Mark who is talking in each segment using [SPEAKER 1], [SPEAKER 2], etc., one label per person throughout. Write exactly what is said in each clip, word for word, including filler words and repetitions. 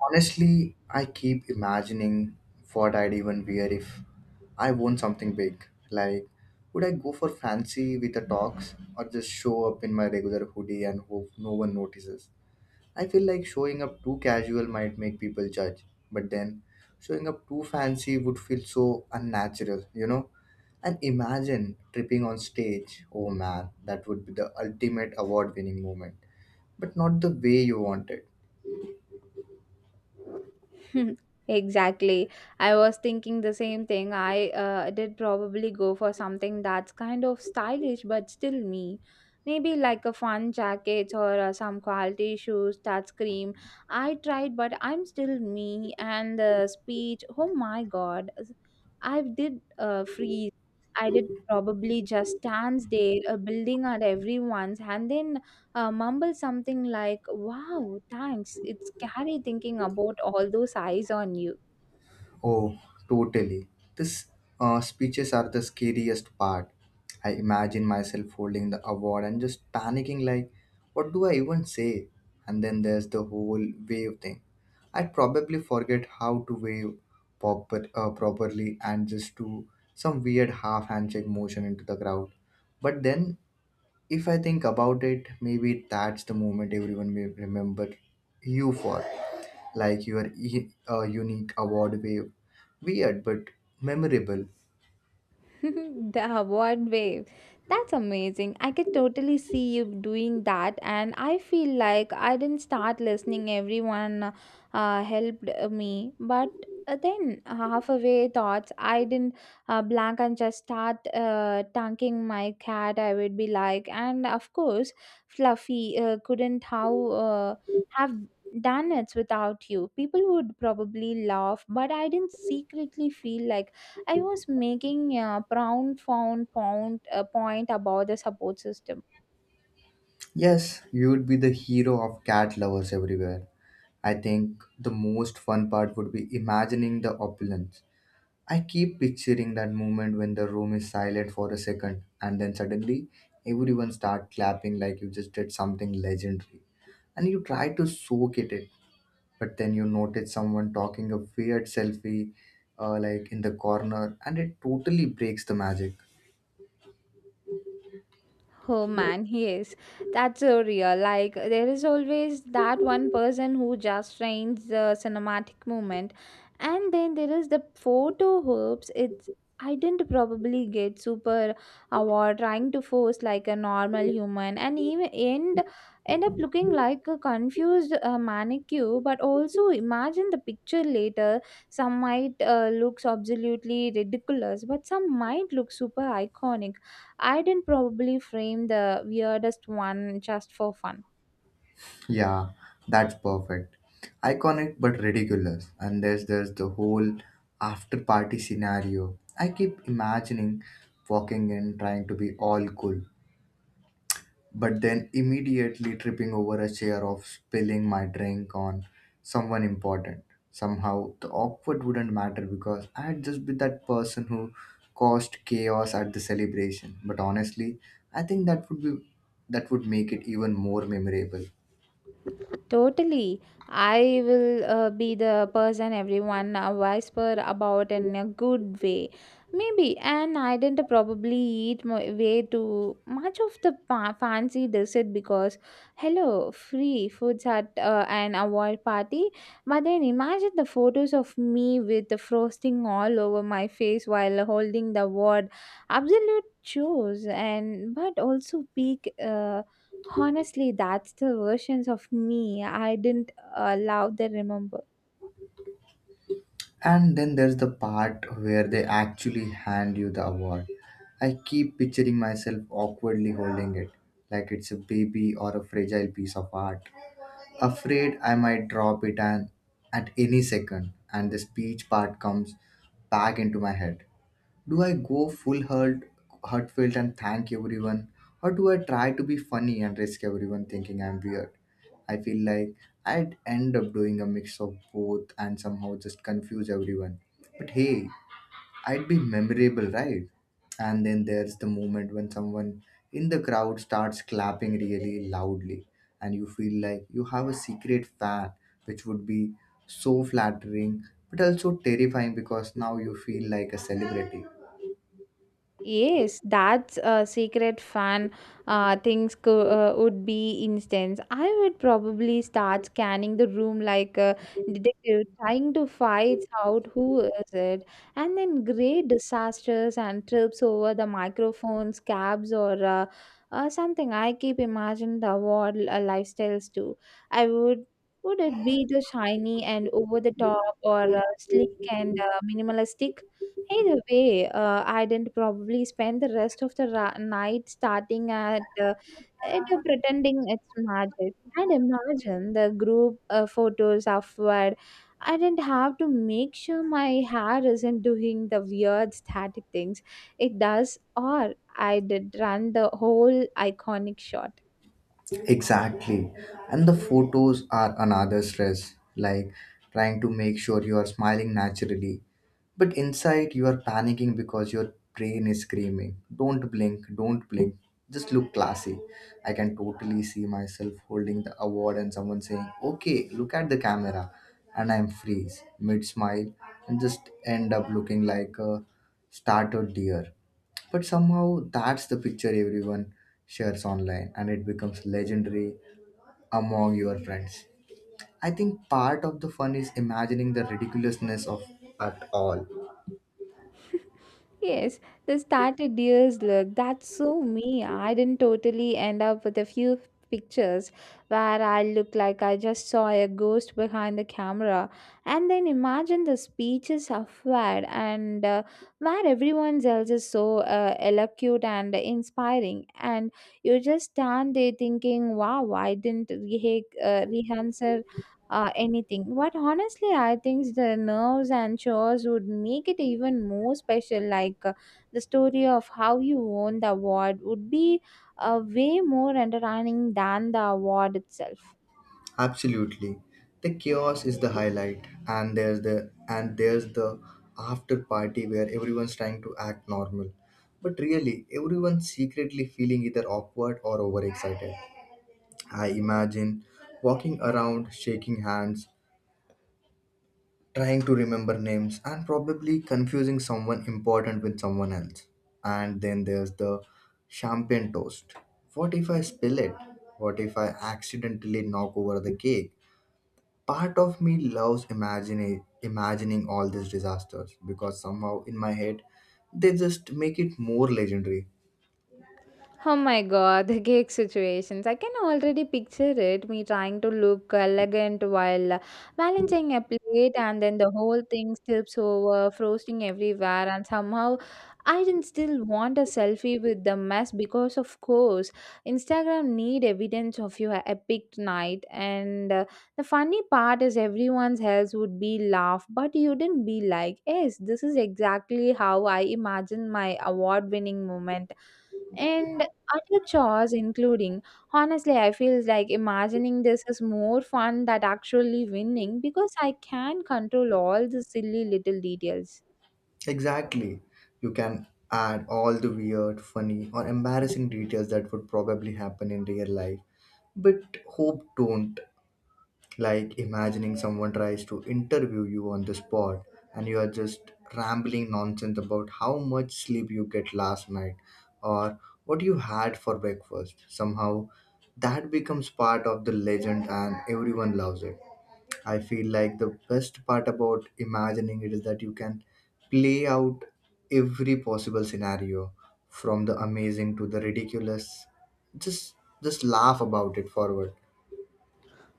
[SPEAKER 1] Honestly, I keep imagining what I'd even wear if I won something big. Like, would I go for fancy with the talks or just show up in my regular hoodie and hope no one notices? I feel like showing up too casual might make people judge, but then showing up too fancy would feel so unnatural, you know? And imagine tripping on stage. Oh man, that would be the ultimate award winning moment, but not the way you want it.
[SPEAKER 2] Exactly. I was thinking the same thing. I uh, did probably go for something that's kind of stylish but still me. Maybe like a fun jacket or uh, some quality shoes that scream. I tried, but I'm still me. And the speech, oh my god, I did uh, freeze. I did probably just stands there, uh, building at everyone's, and then uh, mumble something like, "Wow, thanks." It's scary thinking about all those eyes on you.
[SPEAKER 1] Oh, totally. These uh, speeches are the scariest part. I imagine myself holding the award and just panicking, like, what do I even say? And then there's the whole wave thing. I'd probably forget how to wave proper, uh, properly and just do some weird half handshake motion into the crowd. But then if I think about it, maybe that's the moment everyone may remember you for, like your e- uh, unique award wave. Weird but memorable.
[SPEAKER 2] The one wave. That's amazing. I could totally see you doing that, and I feel like I didn't start listening. Everyone uh, helped me, but uh, then halfway thoughts, I didn't uh, blank and just start uh, tanking my cat. I would be like, and of course, Fluffy uh, couldn't how uh, have done it without you. People would probably laugh, but I didn't secretly feel like I was making a profound found point, uh, point about the support system.
[SPEAKER 1] Yes, you would be the hero of cat lovers everywhere. I think the most fun part would be imagining the opulence. I keep picturing that moment when the room is silent for a second and then suddenly everyone start clapping like you just did something legendary and you try to soak it in, but then you notice someone talking a weird selfie uh, like in the corner, and it totally breaks the magic.
[SPEAKER 2] Oh man, he is. That's so real. Like, there is always that one person who just frames the cinematic moment, and then there is the photo hoops. It's I didn't probably get super award trying to force like a normal human and even end end up looking like a confused uh, manicure, but also imagine the picture later. Some might uh, looks absolutely ridiculous, but some might look super iconic. I didn't probably frame the weirdest one just for fun.
[SPEAKER 1] Yeah, that's perfect. Iconic but ridiculous. And there's there's the whole after party scenario. I keep imagining walking in trying to be all cool, but then immediately tripping over a chair of spilling my drink on someone important. Somehow the awkward wouldn't matter because I had just been that person who caused chaos at the celebration. But honestly, I think that would be, that would make it even more memorable.
[SPEAKER 2] Totally. I will uh, be the person everyone uh, whisper about in a good way. Maybe, and I didn't probably eat mo- way too much of the pa- fancy dessert because, hello, free foods at uh, an award party. But then imagine the photos of me with the frosting all over my face while holding the word, absolute chores, and but also peak. Uh, Honestly, that's the versions of me I didn't allow they remember.
[SPEAKER 1] And then there's the part where they actually hand you the award. I keep picturing myself awkwardly holding it, like it's a baby or a fragile piece of art. Afraid I might drop it and at any second, and the speech part comes back into my head. Do I go full hurt, heartfelt and thank everyone, or do I try to be funny and risk everyone thinking I'm weird? I feel like I'd end up doing a mix of both and somehow just confuse everyone. But hey, I'd be memorable, right? And then there's the moment when someone in the crowd starts clapping really loudly, and you feel like you have a secret fan, which would be so flattering but also terrifying because now you feel like a celebrity.
[SPEAKER 2] Yes, that's a secret fan uh, things co- uh, would be instance. I would probably start scanning the room like a detective, trying to find out who is it, and then great disasters and trips over the microphones, cabs, or uh, uh, something. I keep imagining the world uh, lifestyles too. I would. Would it be the shiny and over the top, or uh, sleek and uh, minimalistic? Either way, uh, I didn't probably spend the rest of the ra- night starting at uh, it, uh, pretending it's magic. And imagine the group uh, photos afterward. I didn't have to make sure my hair isn't doing the weird static things it does, or I did run the whole iconic shot.
[SPEAKER 1] Exactly. And the photos are another stress, like trying to make sure you are smiling naturally. But inside, you are panicking because your brain is screaming, "Don't blink, don't blink. Just look classy." I can totally see myself holding the award and someone saying, "Okay, look at the camera." And I'm freeze mid smile and just end up looking like a startled deer. But somehow, that's the picture everyone shares online and it becomes legendary among your friends. I think part of the fun is imagining the ridiculousness of at all.
[SPEAKER 2] Yes, the started deer's look. That's so me. I didn't totally end up with a few pictures where I look like I just saw a ghost behind the camera. And then imagine the speeches affair and uh, where everyone else is so uh, eloquent and inspiring. And you just stand there thinking, wow, I didn't rehe- uh, rehearse uh, anything. But honestly, I think the nerves and chores would make it even more special. Like uh, the story of how you won the award would be uh, way more entertaining than the award itself.
[SPEAKER 1] Absolutely. The chaos is the highlight. And there's the and there's the after party where everyone's trying to act normal. But really everyone's secretly feeling either awkward or overexcited. I imagine walking around shaking hands, trying to remember names and probably confusing someone important with someone else. And then there's the champagne toast. What if I spill it? What if I accidentally knock over the cake? Part of me loves imagining imagining all these disasters because somehow in my head they just make it more legendary.
[SPEAKER 2] Oh my god, the cake situations. I can already picture it, me trying to look elegant while uh, balancing a plate and then the whole thing slips over, frosting everywhere, and somehow I didn't still want a selfie with the mess because, of course, Instagram need evidence of your epic night. And uh, the funny part is everyone's else would be laugh, but you didn't be like, yes, this is exactly how I imagine my award-winning moment and other chores including, honestly, I feel like imagining this is more fun than actually winning because I can control all the silly little details.
[SPEAKER 1] Exactly. You can add all the weird funny or embarrassing details that would probably happen in real life, but hope don't. Like imagining someone tries to interview you on the spot and you are just rambling nonsense about how much sleep you get last night or what you had for breakfast. Somehow that becomes part of the legend and everyone loves it. I feel like the best part about imagining it is that you can play out every possible scenario from the amazing to the ridiculous. Just just laugh about it forward.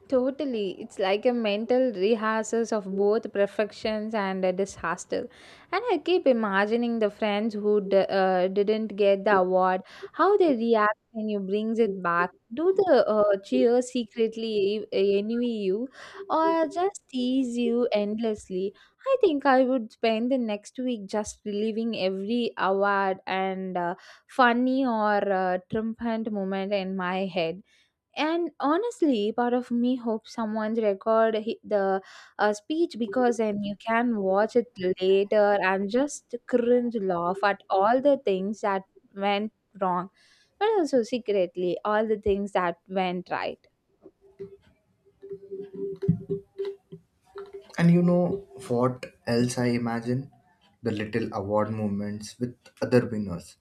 [SPEAKER 2] Totally. It's like a mental rehearsals of both perfections and a disaster. And I keep imagining the friends who d- uh, didn't get the award, how they react when you brings it back. Do the uh, cheer secretly e- envy you or just tease you endlessly? I think I would spend the next week just reliving every award and uh, funny or uh, triumphant moment in my head. And honestly, part of me hopes someone record hi- the uh, speech because then you can watch it later and just cringe laugh at all the things that went wrong, but also secretly all the things that went right.
[SPEAKER 1] And you know what else I imagine? The little award moments with other winners.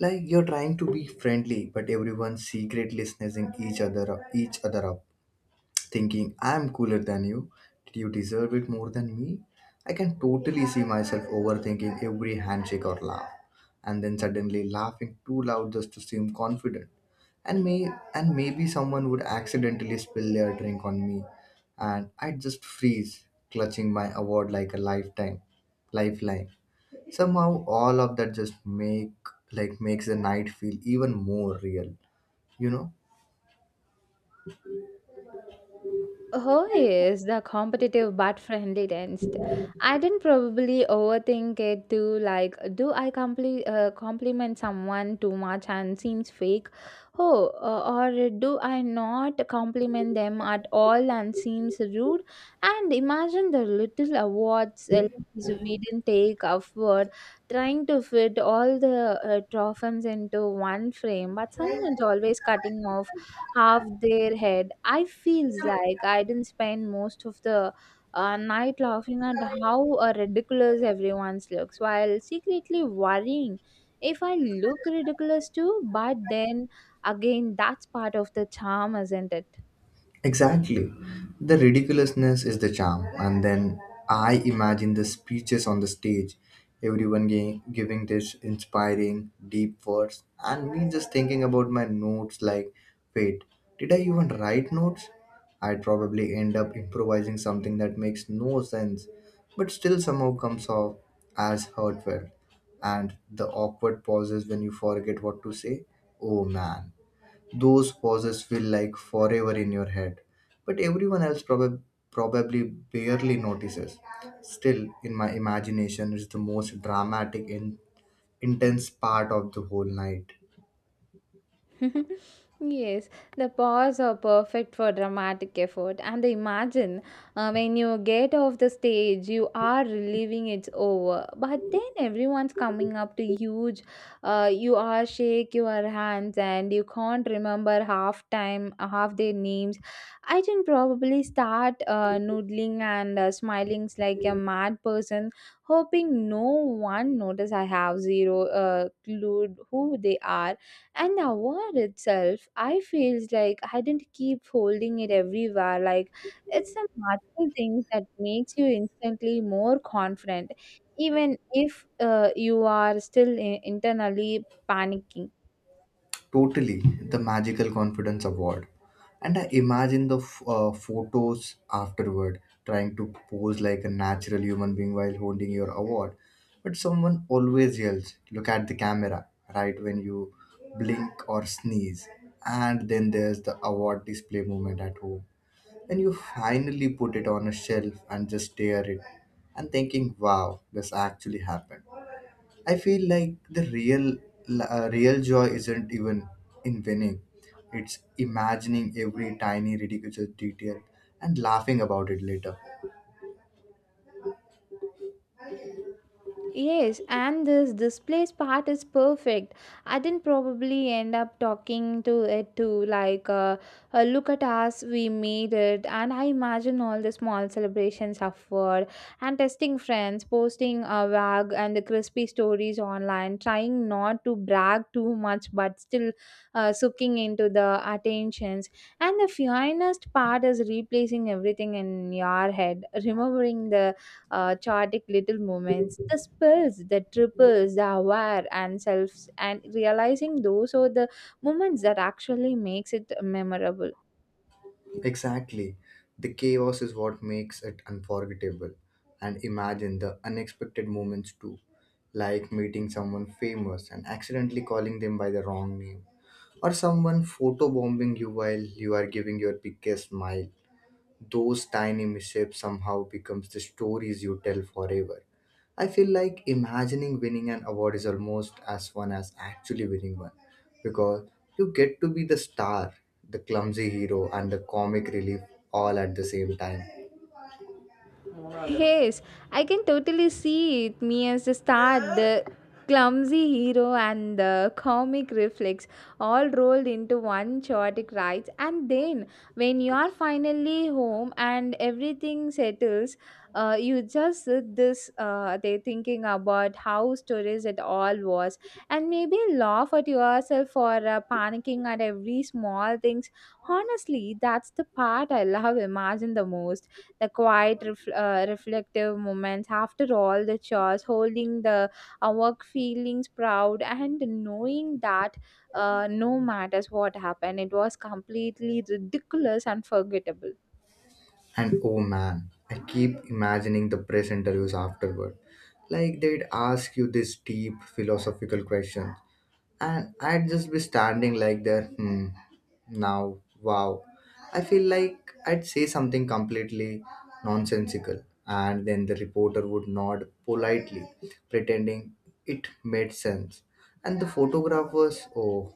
[SPEAKER 1] Like you're trying to be friendly, but everyone's secretly sneezing each other up, each other up thinking I'm cooler than you. Did you deserve it more than me? I can totally see myself overthinking every handshake or laugh, and then suddenly laughing too loud just to seem confident. And may and maybe someone would accidentally spill their drink on me, and I'd just freeze, clutching my award like a lifetime lifeline. Somehow, all of that just make like makes the night feel even more real. You
[SPEAKER 2] Oh yes, the competitive but friendly tensed. I didn't probably overthink it too. Like, do I compli- uh, compliment someone too much and seems fake? Oh, uh, or do I not compliment them at all and seems rude? And imagine the little awards, uh, we didn't take upward, trying to fit all the uh, trophies into one frame, but
[SPEAKER 1] know.
[SPEAKER 2] someone's always cutting off half their head. I feels like I didn't spend most of the uh, night laughing at how uh, ridiculous everyone's looks while secretly worrying if I look ridiculous too. But then again, that's part of the charm, isn't it?
[SPEAKER 1] Exactly. The ridiculousness is the charm. And then I imagine the speeches on the stage, everyone gi- giving this inspiring, deep words, and me just thinking about my notes like, wait, did I even write notes? I'd probably end up improvising something that makes no sense, but still somehow comes off as heartfelt. And the awkward pauses when you forget what to say. Oh man, those pauses feel like forever in your head, but everyone else probab- probably barely notices. Still, in my imagination, it's the most dramatic and intense part of the whole night.
[SPEAKER 2] Yes, the paws are perfect for dramatic effort. And imagine uh, when you get off the stage, you are relieving it's over. But then everyone's coming up to huge. Uh, you are shake your hands and you can't remember half time, half their names. I can probably start uh, noodling and uh, smiling like a mad person, hoping no one notice I have zero uh, clue who they are. And the award itself, I feels like I didn't keep holding it everywhere like it's some magical thing that makes you instantly more confident even if uh, you are still i- internally panicking.
[SPEAKER 1] Totally, the Magical Confidence Award. And I imagine the f- uh, photos afterward, trying to pose like a natural human being while holding your award. But someone always yells, "Look at the camera," right when you blink or sneeze. And then there's the award display moment at home. Then you finally put it on a shelf and just stare at it and thinking, "Wow, this actually happened." I feel like the real uh, real joy isn't even in winning. It's imagining every tiny ridiculous detail and laughing about it later.
[SPEAKER 2] Yes, and this displays part is perfect. I didn't probably end up talking to it too, like, uh, uh, look at us, we made it. And I imagine all the small celebrations afterward and testing friends, posting a wag and the crispy stories online, trying not to brag too much, but still uh, soaking into the attentions. And the finest part is replacing everything in your head, remembering the uh, chaotic little moments, the spills, the triples, the aware and selves, and realizing those are the moments that actually makes it memorable.
[SPEAKER 1] Exactly. The chaos is what makes it unforgettable. And imagine the unexpected moments too, like meeting someone famous and accidentally calling them by the wrong name, or someone photobombing you while you are giving your biggest smile. Those tiny mishaps somehow becomes the stories you tell forever. I feel like imagining winning an award is almost as fun as actually winning one because you get to be the star, the clumsy hero, and the comic relief all at the same time.
[SPEAKER 2] Yes, I can totally see it. Me as the star, the clumsy hero, and the comic reflex all rolled into one chaotic ride. And then, when you are finally home and everything settles, uh, you just sit this uh, they thinking about how stories it all was, and maybe laugh at yourself for uh, panicking at every small things. Honestly, that's the part I love. Imagine the most the quiet, ref- uh, reflective moments after all the chores, holding the uh, work feelings proud and knowing that uh, no matters what happened, it was completely ridiculous and forgettable.
[SPEAKER 1] And oh man, I keep imagining the press interviews afterward. Like they'd ask you this deep philosophical question and I'd just be standing like there. Hmm. Now, wow. I feel like I'd say something completely nonsensical, and then the reporter would nod politely, pretending it made sense. And the photographers, oh,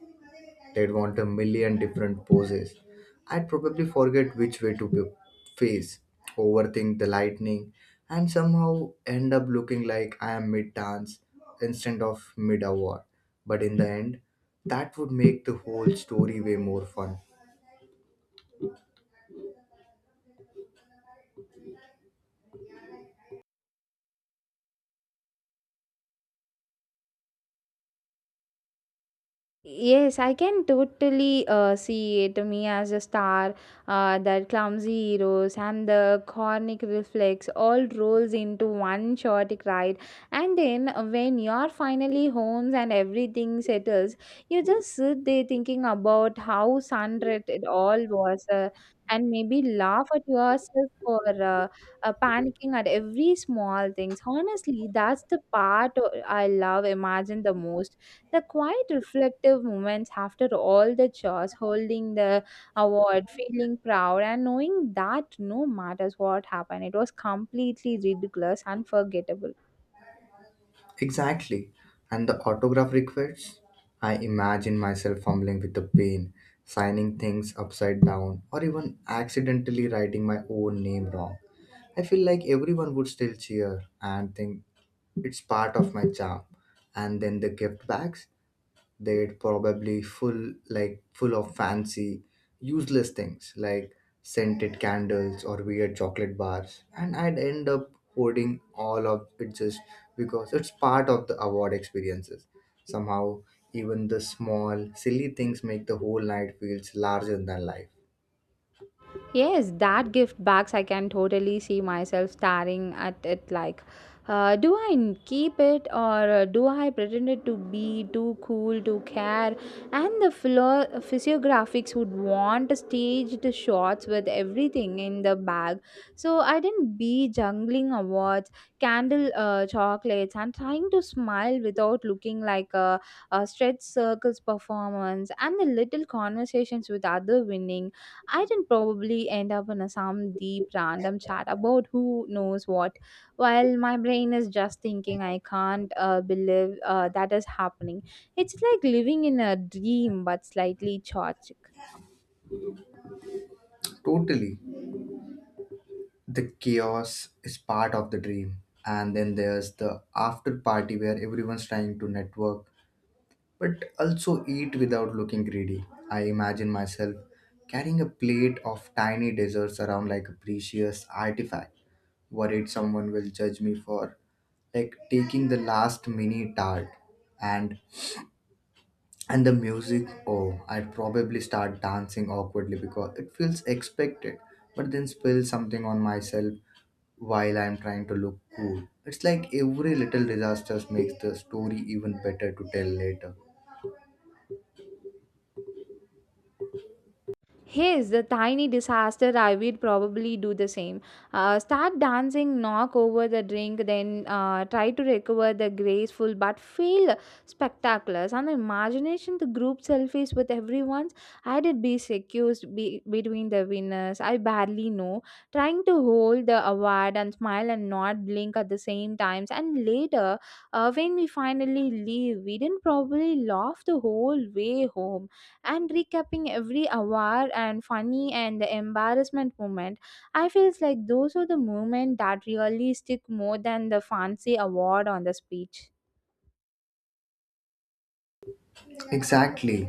[SPEAKER 1] they'd want a million different poses. I'd probably forget which way to be- face, overthink the lightning, and somehow end up looking like I am mid dance instead of mid award. But in the end, that would make the whole story way more fun.
[SPEAKER 2] Yes, I can totally uh, see it. Me as a star, uh, that clumsy heroes and the chronic reflex all rolls into one short ride. And then uh, when you're finally home and everything settles, you just sit there thinking about how sunlit it all was, uh, and maybe laugh at yourself for uh, uh, panicking at every small things. Honestly, that's the part uh, I love. Imagine the most the quiet, reflective moments after all the chores, holding the award, feeling proud, and knowing that no matters what happened, it was completely ridiculous, unforgettable.
[SPEAKER 1] Exactly. And the autograph requests? I imagine myself fumbling with the pen, signing things upside down, or even accidentally writing my own name wrong. I feel like everyone would still cheer and think it's part of my charm. And then the gift bags? They'd probably full like full of fancy useless things like scented candles or weird chocolate bars, and I'd end up hoarding all of it just because it's part of the award experiences. Somehow even the small silly things make the whole night feels larger than life.
[SPEAKER 2] Yes, that gift box, I can totally see myself staring at it like, uh, do I n- keep it or uh, do I pretend it to be too cool to care? And the philo- physiographics would want staged shots with everything in the bag. So I didn't be jungling awards, candle uh, chocolates, and trying to smile without looking like a, a stretched circles performance and the little conversations with other winning. I'd probably end up in a, some deep random chat about who knows what, while my brain is just thinking, I can't uh, believe uh, that is happening. It's like living in a dream, but slightly chaotic.
[SPEAKER 1] Totally, the chaos is part of the dream. And then there's the after party where everyone's trying to network but also eat without looking greedy. I imagine myself carrying a plate of tiny desserts around like a precious artifact, worried someone will judge me for like taking the last mini tart. And and the music, oh, I'd probably start dancing awkwardly because it feels expected, but then spill something on myself while I'm trying to look cool. It's like every little disaster makes the story even better to tell later.
[SPEAKER 2] Yes, the tiny disaster, I will probably do the same. Uh, start dancing, knock over the drink, then uh, try to recover the graceful but feel spectaculars. And the imagination, the group selfies with everyone's. I did be accused be- between the winners. I barely know. Trying to hold the award and smile and not blink at the same times. And later, uh, when we finally leave, we didn't probably laugh the whole way home and recapping every award and funny and the embarrassment moment. I feels like those are the moments that really stick more than the fancy award on the speech.
[SPEAKER 1] Exactly,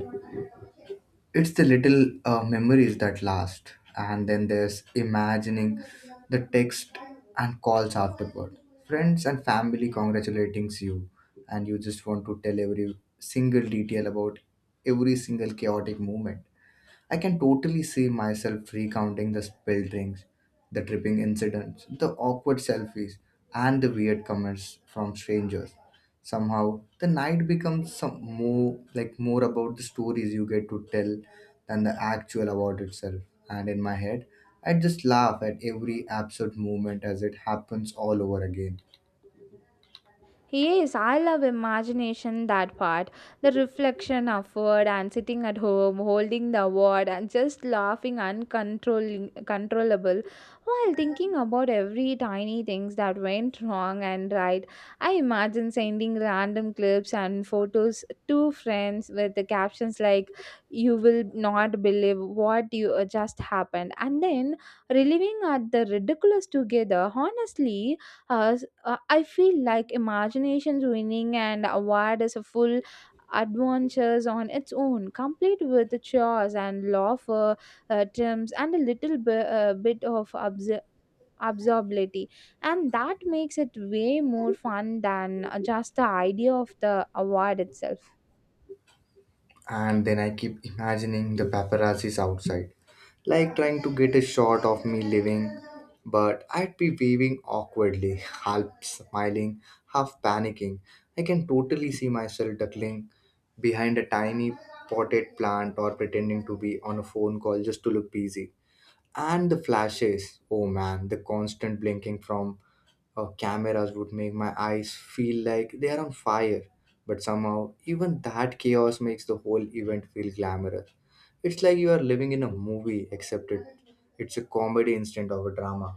[SPEAKER 1] it's the little uh, memories that last. And then there's imagining the text and calls afterward, friends and family congratulating you, and you just want to tell every single detail about every single chaotic moment. I can totally see myself recounting the spilled drinks, the tripping incidents, the awkward selfies, and the weird comments from strangers. Somehow, the night becomes some more like more about the stories you get to tell than the actual award itself. And in my head, I just laugh at every absurd moment as it happens all over again.
[SPEAKER 2] Yes, I love imagination that part. The reflection of word and sitting at home holding the word and just laughing uncontrollable while thinking about every tiny things that went wrong and right. I imagine sending random clips and photos to friends with the captions like, you will not believe what you uh, just happened, and then reliving at the ridiculous together. Honestly, uh, s- uh, I feel like imagination's winning and award is a full adventures on its own, complete with the chores and laughter, uh, terms, and a little bi- uh, bit of obs- absurdity, and that makes it way more fun than uh, just the idea of the award itself.
[SPEAKER 1] And then I keep imagining the paparazzi's outside, like trying to get a shot of me living. But I'd be waving awkwardly, half smiling, half panicking. I can totally see myself duckling behind a tiny potted plant or pretending to be on a phone call just to look busy. And the flashes, oh man, the constant blinking from uh, cameras would make my eyes feel like they are on fire. But somehow, even that chaos makes the whole event feel glamorous. It's like you are living in a movie, except it, it's a comedy instead of a drama.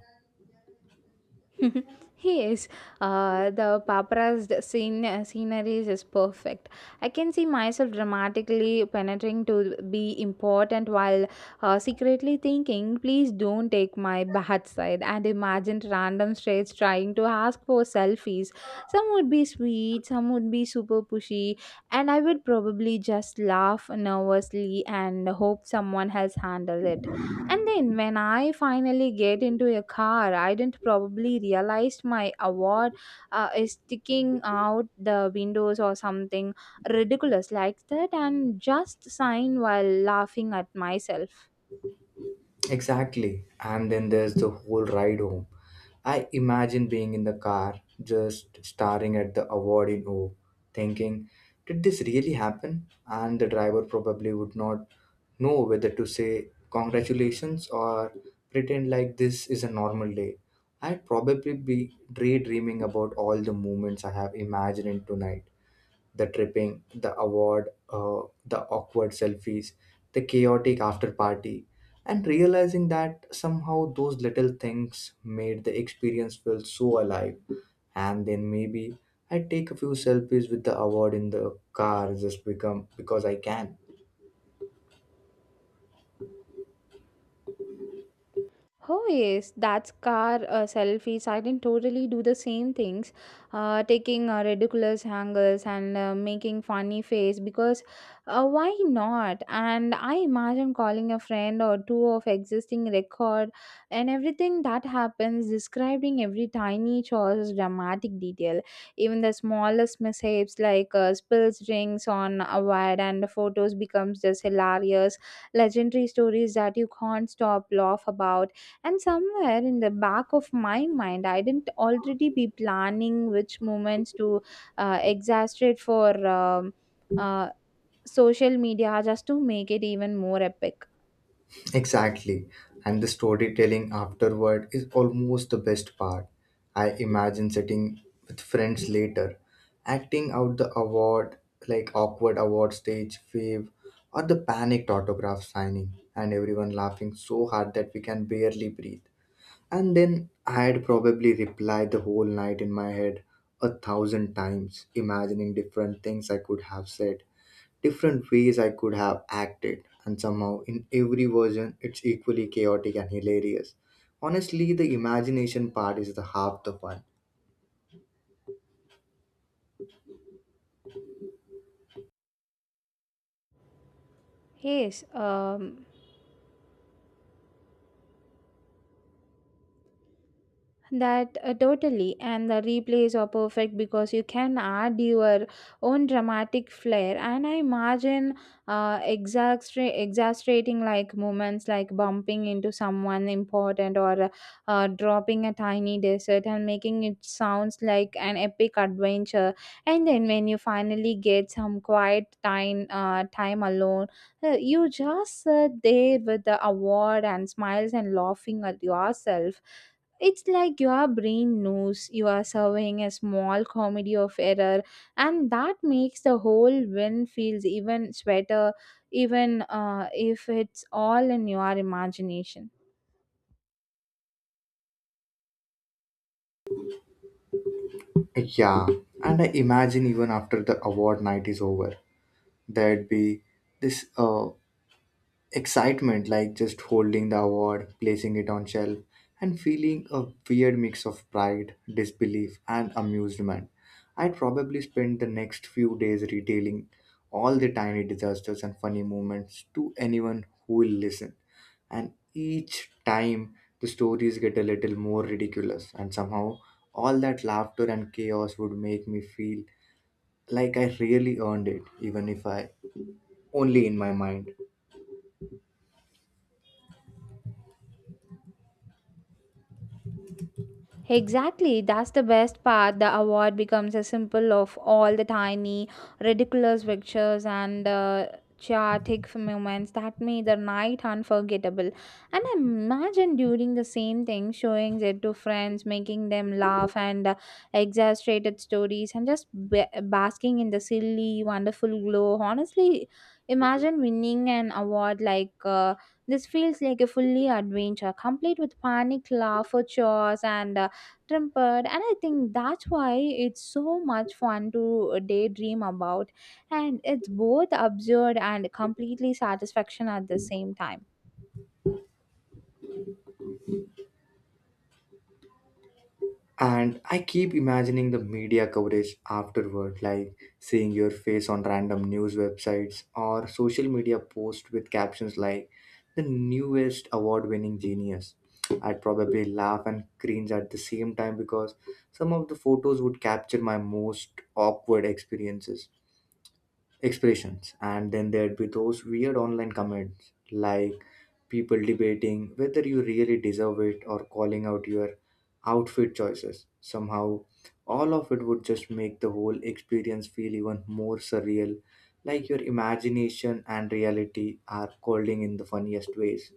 [SPEAKER 2] Yes, is. Uh, the paparazzi d- scene scenery is perfect. I can see myself dramatically penetrating to be important while uh, secretly thinking, please don't take my bad side. And imagine random straights trying to ask for selfies. Some would be sweet, some would be super pushy, and I would probably just laugh nervously and hope someone else handled it. And then when I finally get into a car, I didn't probably realize my award uh, is sticking out the windows or something ridiculous like that and just sign while laughing at myself.
[SPEAKER 1] Exactly. And then there's the whole ride home. I imagine being in the car, just staring at the award in awe, thinking, did this really happen? And the driver probably would not know whether to say congratulations or pretend like this is a normal day. I'd probably be daydreaming about all the moments I have imagined tonight, the tripping, the award, uh, the awkward selfies, the chaotic after party, and realizing that somehow those little things made the experience feel so alive. And then maybe I take a few selfies with the award in the car just become because I can.
[SPEAKER 2] Oh yes, that's car uh, selfies. I didn't totally do the same things, uh, taking uh, ridiculous angles and uh, making funny face because uh, why not? And I imagine calling a friend or two of existing record and everything that happens, describing every tiny choice, dramatic detail, even the smallest mishaps like uh, spills drinks on a wire and photos becomes just hilarious, legendary stories that you can't stop laugh about. And somewhere in the back of my mind, I didn't already be planning which moments to uh, exasperate for um, uh, social media just to make it even more epic.
[SPEAKER 1] Exactly. And the storytelling afterward is almost the best part. I imagine sitting with friends later, acting out the award, like awkward award stage wave, or the panicked autograph signing, and everyone laughing so hard that we can barely breathe. And then I'd probably reply the whole night in my head a thousand times, imagining different things I could have said, different ways I could have acted, and somehow in every version it's equally chaotic and hilarious. Honestly, the imagination part is the half the fun.
[SPEAKER 2] Yes, um, that uh, totally, and the replays are perfect because you can add your own dramatic flair. And I imagine uh, exastra- exasperating like moments like bumping into someone important or uh, dropping a tiny desert and making it sounds like an epic adventure. And then when you finally get some quiet time, uh, time alone, uh, you just sit there with the award and smiles and laughing at yourself. It's like your brain knows you are serving a small comedy of error, and that makes the whole win feels even sweeter, even uh, if it's all in your imagination.
[SPEAKER 1] Yeah, and I imagine even after the award night is over, there'd be this uh, excitement, like just holding the award, placing it on shelf and feeling a weird mix of pride, disbelief and amusement. I'd probably spend the next few days retailing all the tiny disasters and funny moments to anyone who will listen, and each time the stories get a little more ridiculous, and somehow all that laughter and chaos would make me feel like I really earned it, even if I only in my mind.
[SPEAKER 2] Exactly, that's the best part. The award becomes a symbol of all the tiny, ridiculous pictures and uh, chaotic moments that made the night unforgettable. And I imagine during the same thing, showing it to friends, making them laugh and uh, exaggerated stories, and just ba- basking in the silly, wonderful glow. Honestly, imagine winning an award like uh, this feels like a fully adventure, complete with panic, laugh, chores, and uh, tempered. And I think that's why it's so much fun to uh, daydream about, and it's both absurd and completely satisfaction at the same time.
[SPEAKER 1] And I keep imagining the media coverage afterward, like seeing your face on random news websites or social media posts with captions like the newest award winning genius. I'd probably laugh and cringe at the same time because some of the photos would capture my most awkward experiences, expressions, and then there'd be those weird online comments like people debating whether you really deserve it or calling out your outfit choices. Somehow, all of it would just make the whole experience feel even more surreal, like your imagination and reality are colliding in the funniest ways.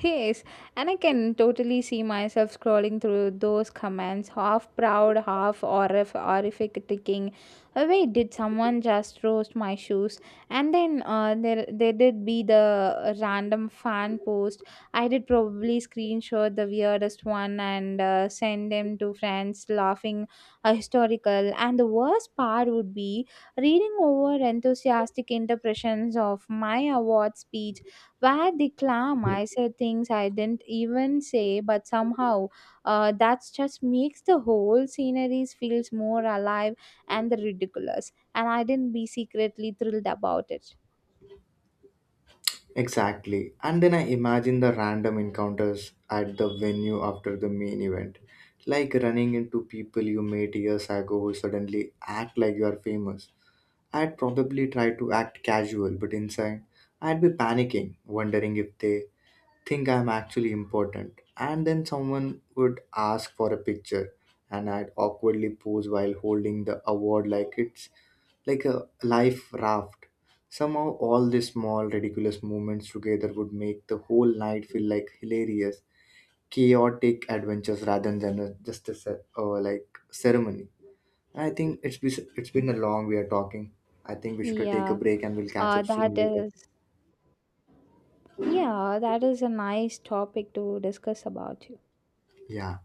[SPEAKER 2] Yes, and I can totally see myself scrolling through those comments, half proud, half horrif- horrific, thinking, oh, wait, did someone just roast my shoes? And then uh, there, there did be the random fan post. I did probably screenshot the weirdest one and uh, send them to friends, laughing uh, historical. And the worst part would be reading over enthusiastic interpretations of my award speech where the clam, I said things I didn't even say, but somehow uh, that just makes the whole sceneries feels more alive and ridiculous. And I didn't be secretly thrilled about it.
[SPEAKER 1] Exactly. And then I imagine the random encounters at the venue after the main event. Like running into people you met years ago who suddenly act like you are famous. I'd probably try to act casual, but inside, I'd be panicking, wondering if they think I'm actually important. And then someone would ask for a picture, and I'd awkwardly pose while holding the award like it's like a life raft. Somehow, all these small, ridiculous moments together would make the whole night feel like hilarious, chaotic adventures rather than a, just a ce- or like ceremony. I think it's been, it's been a long we are talking. I think we should take a
[SPEAKER 2] Yeah.
[SPEAKER 1] break and we'll catch
[SPEAKER 2] Uh,
[SPEAKER 1] up soon
[SPEAKER 2] that
[SPEAKER 1] later.
[SPEAKER 2] is, yeah, that is a nice topic to discuss about.
[SPEAKER 1] Yeah.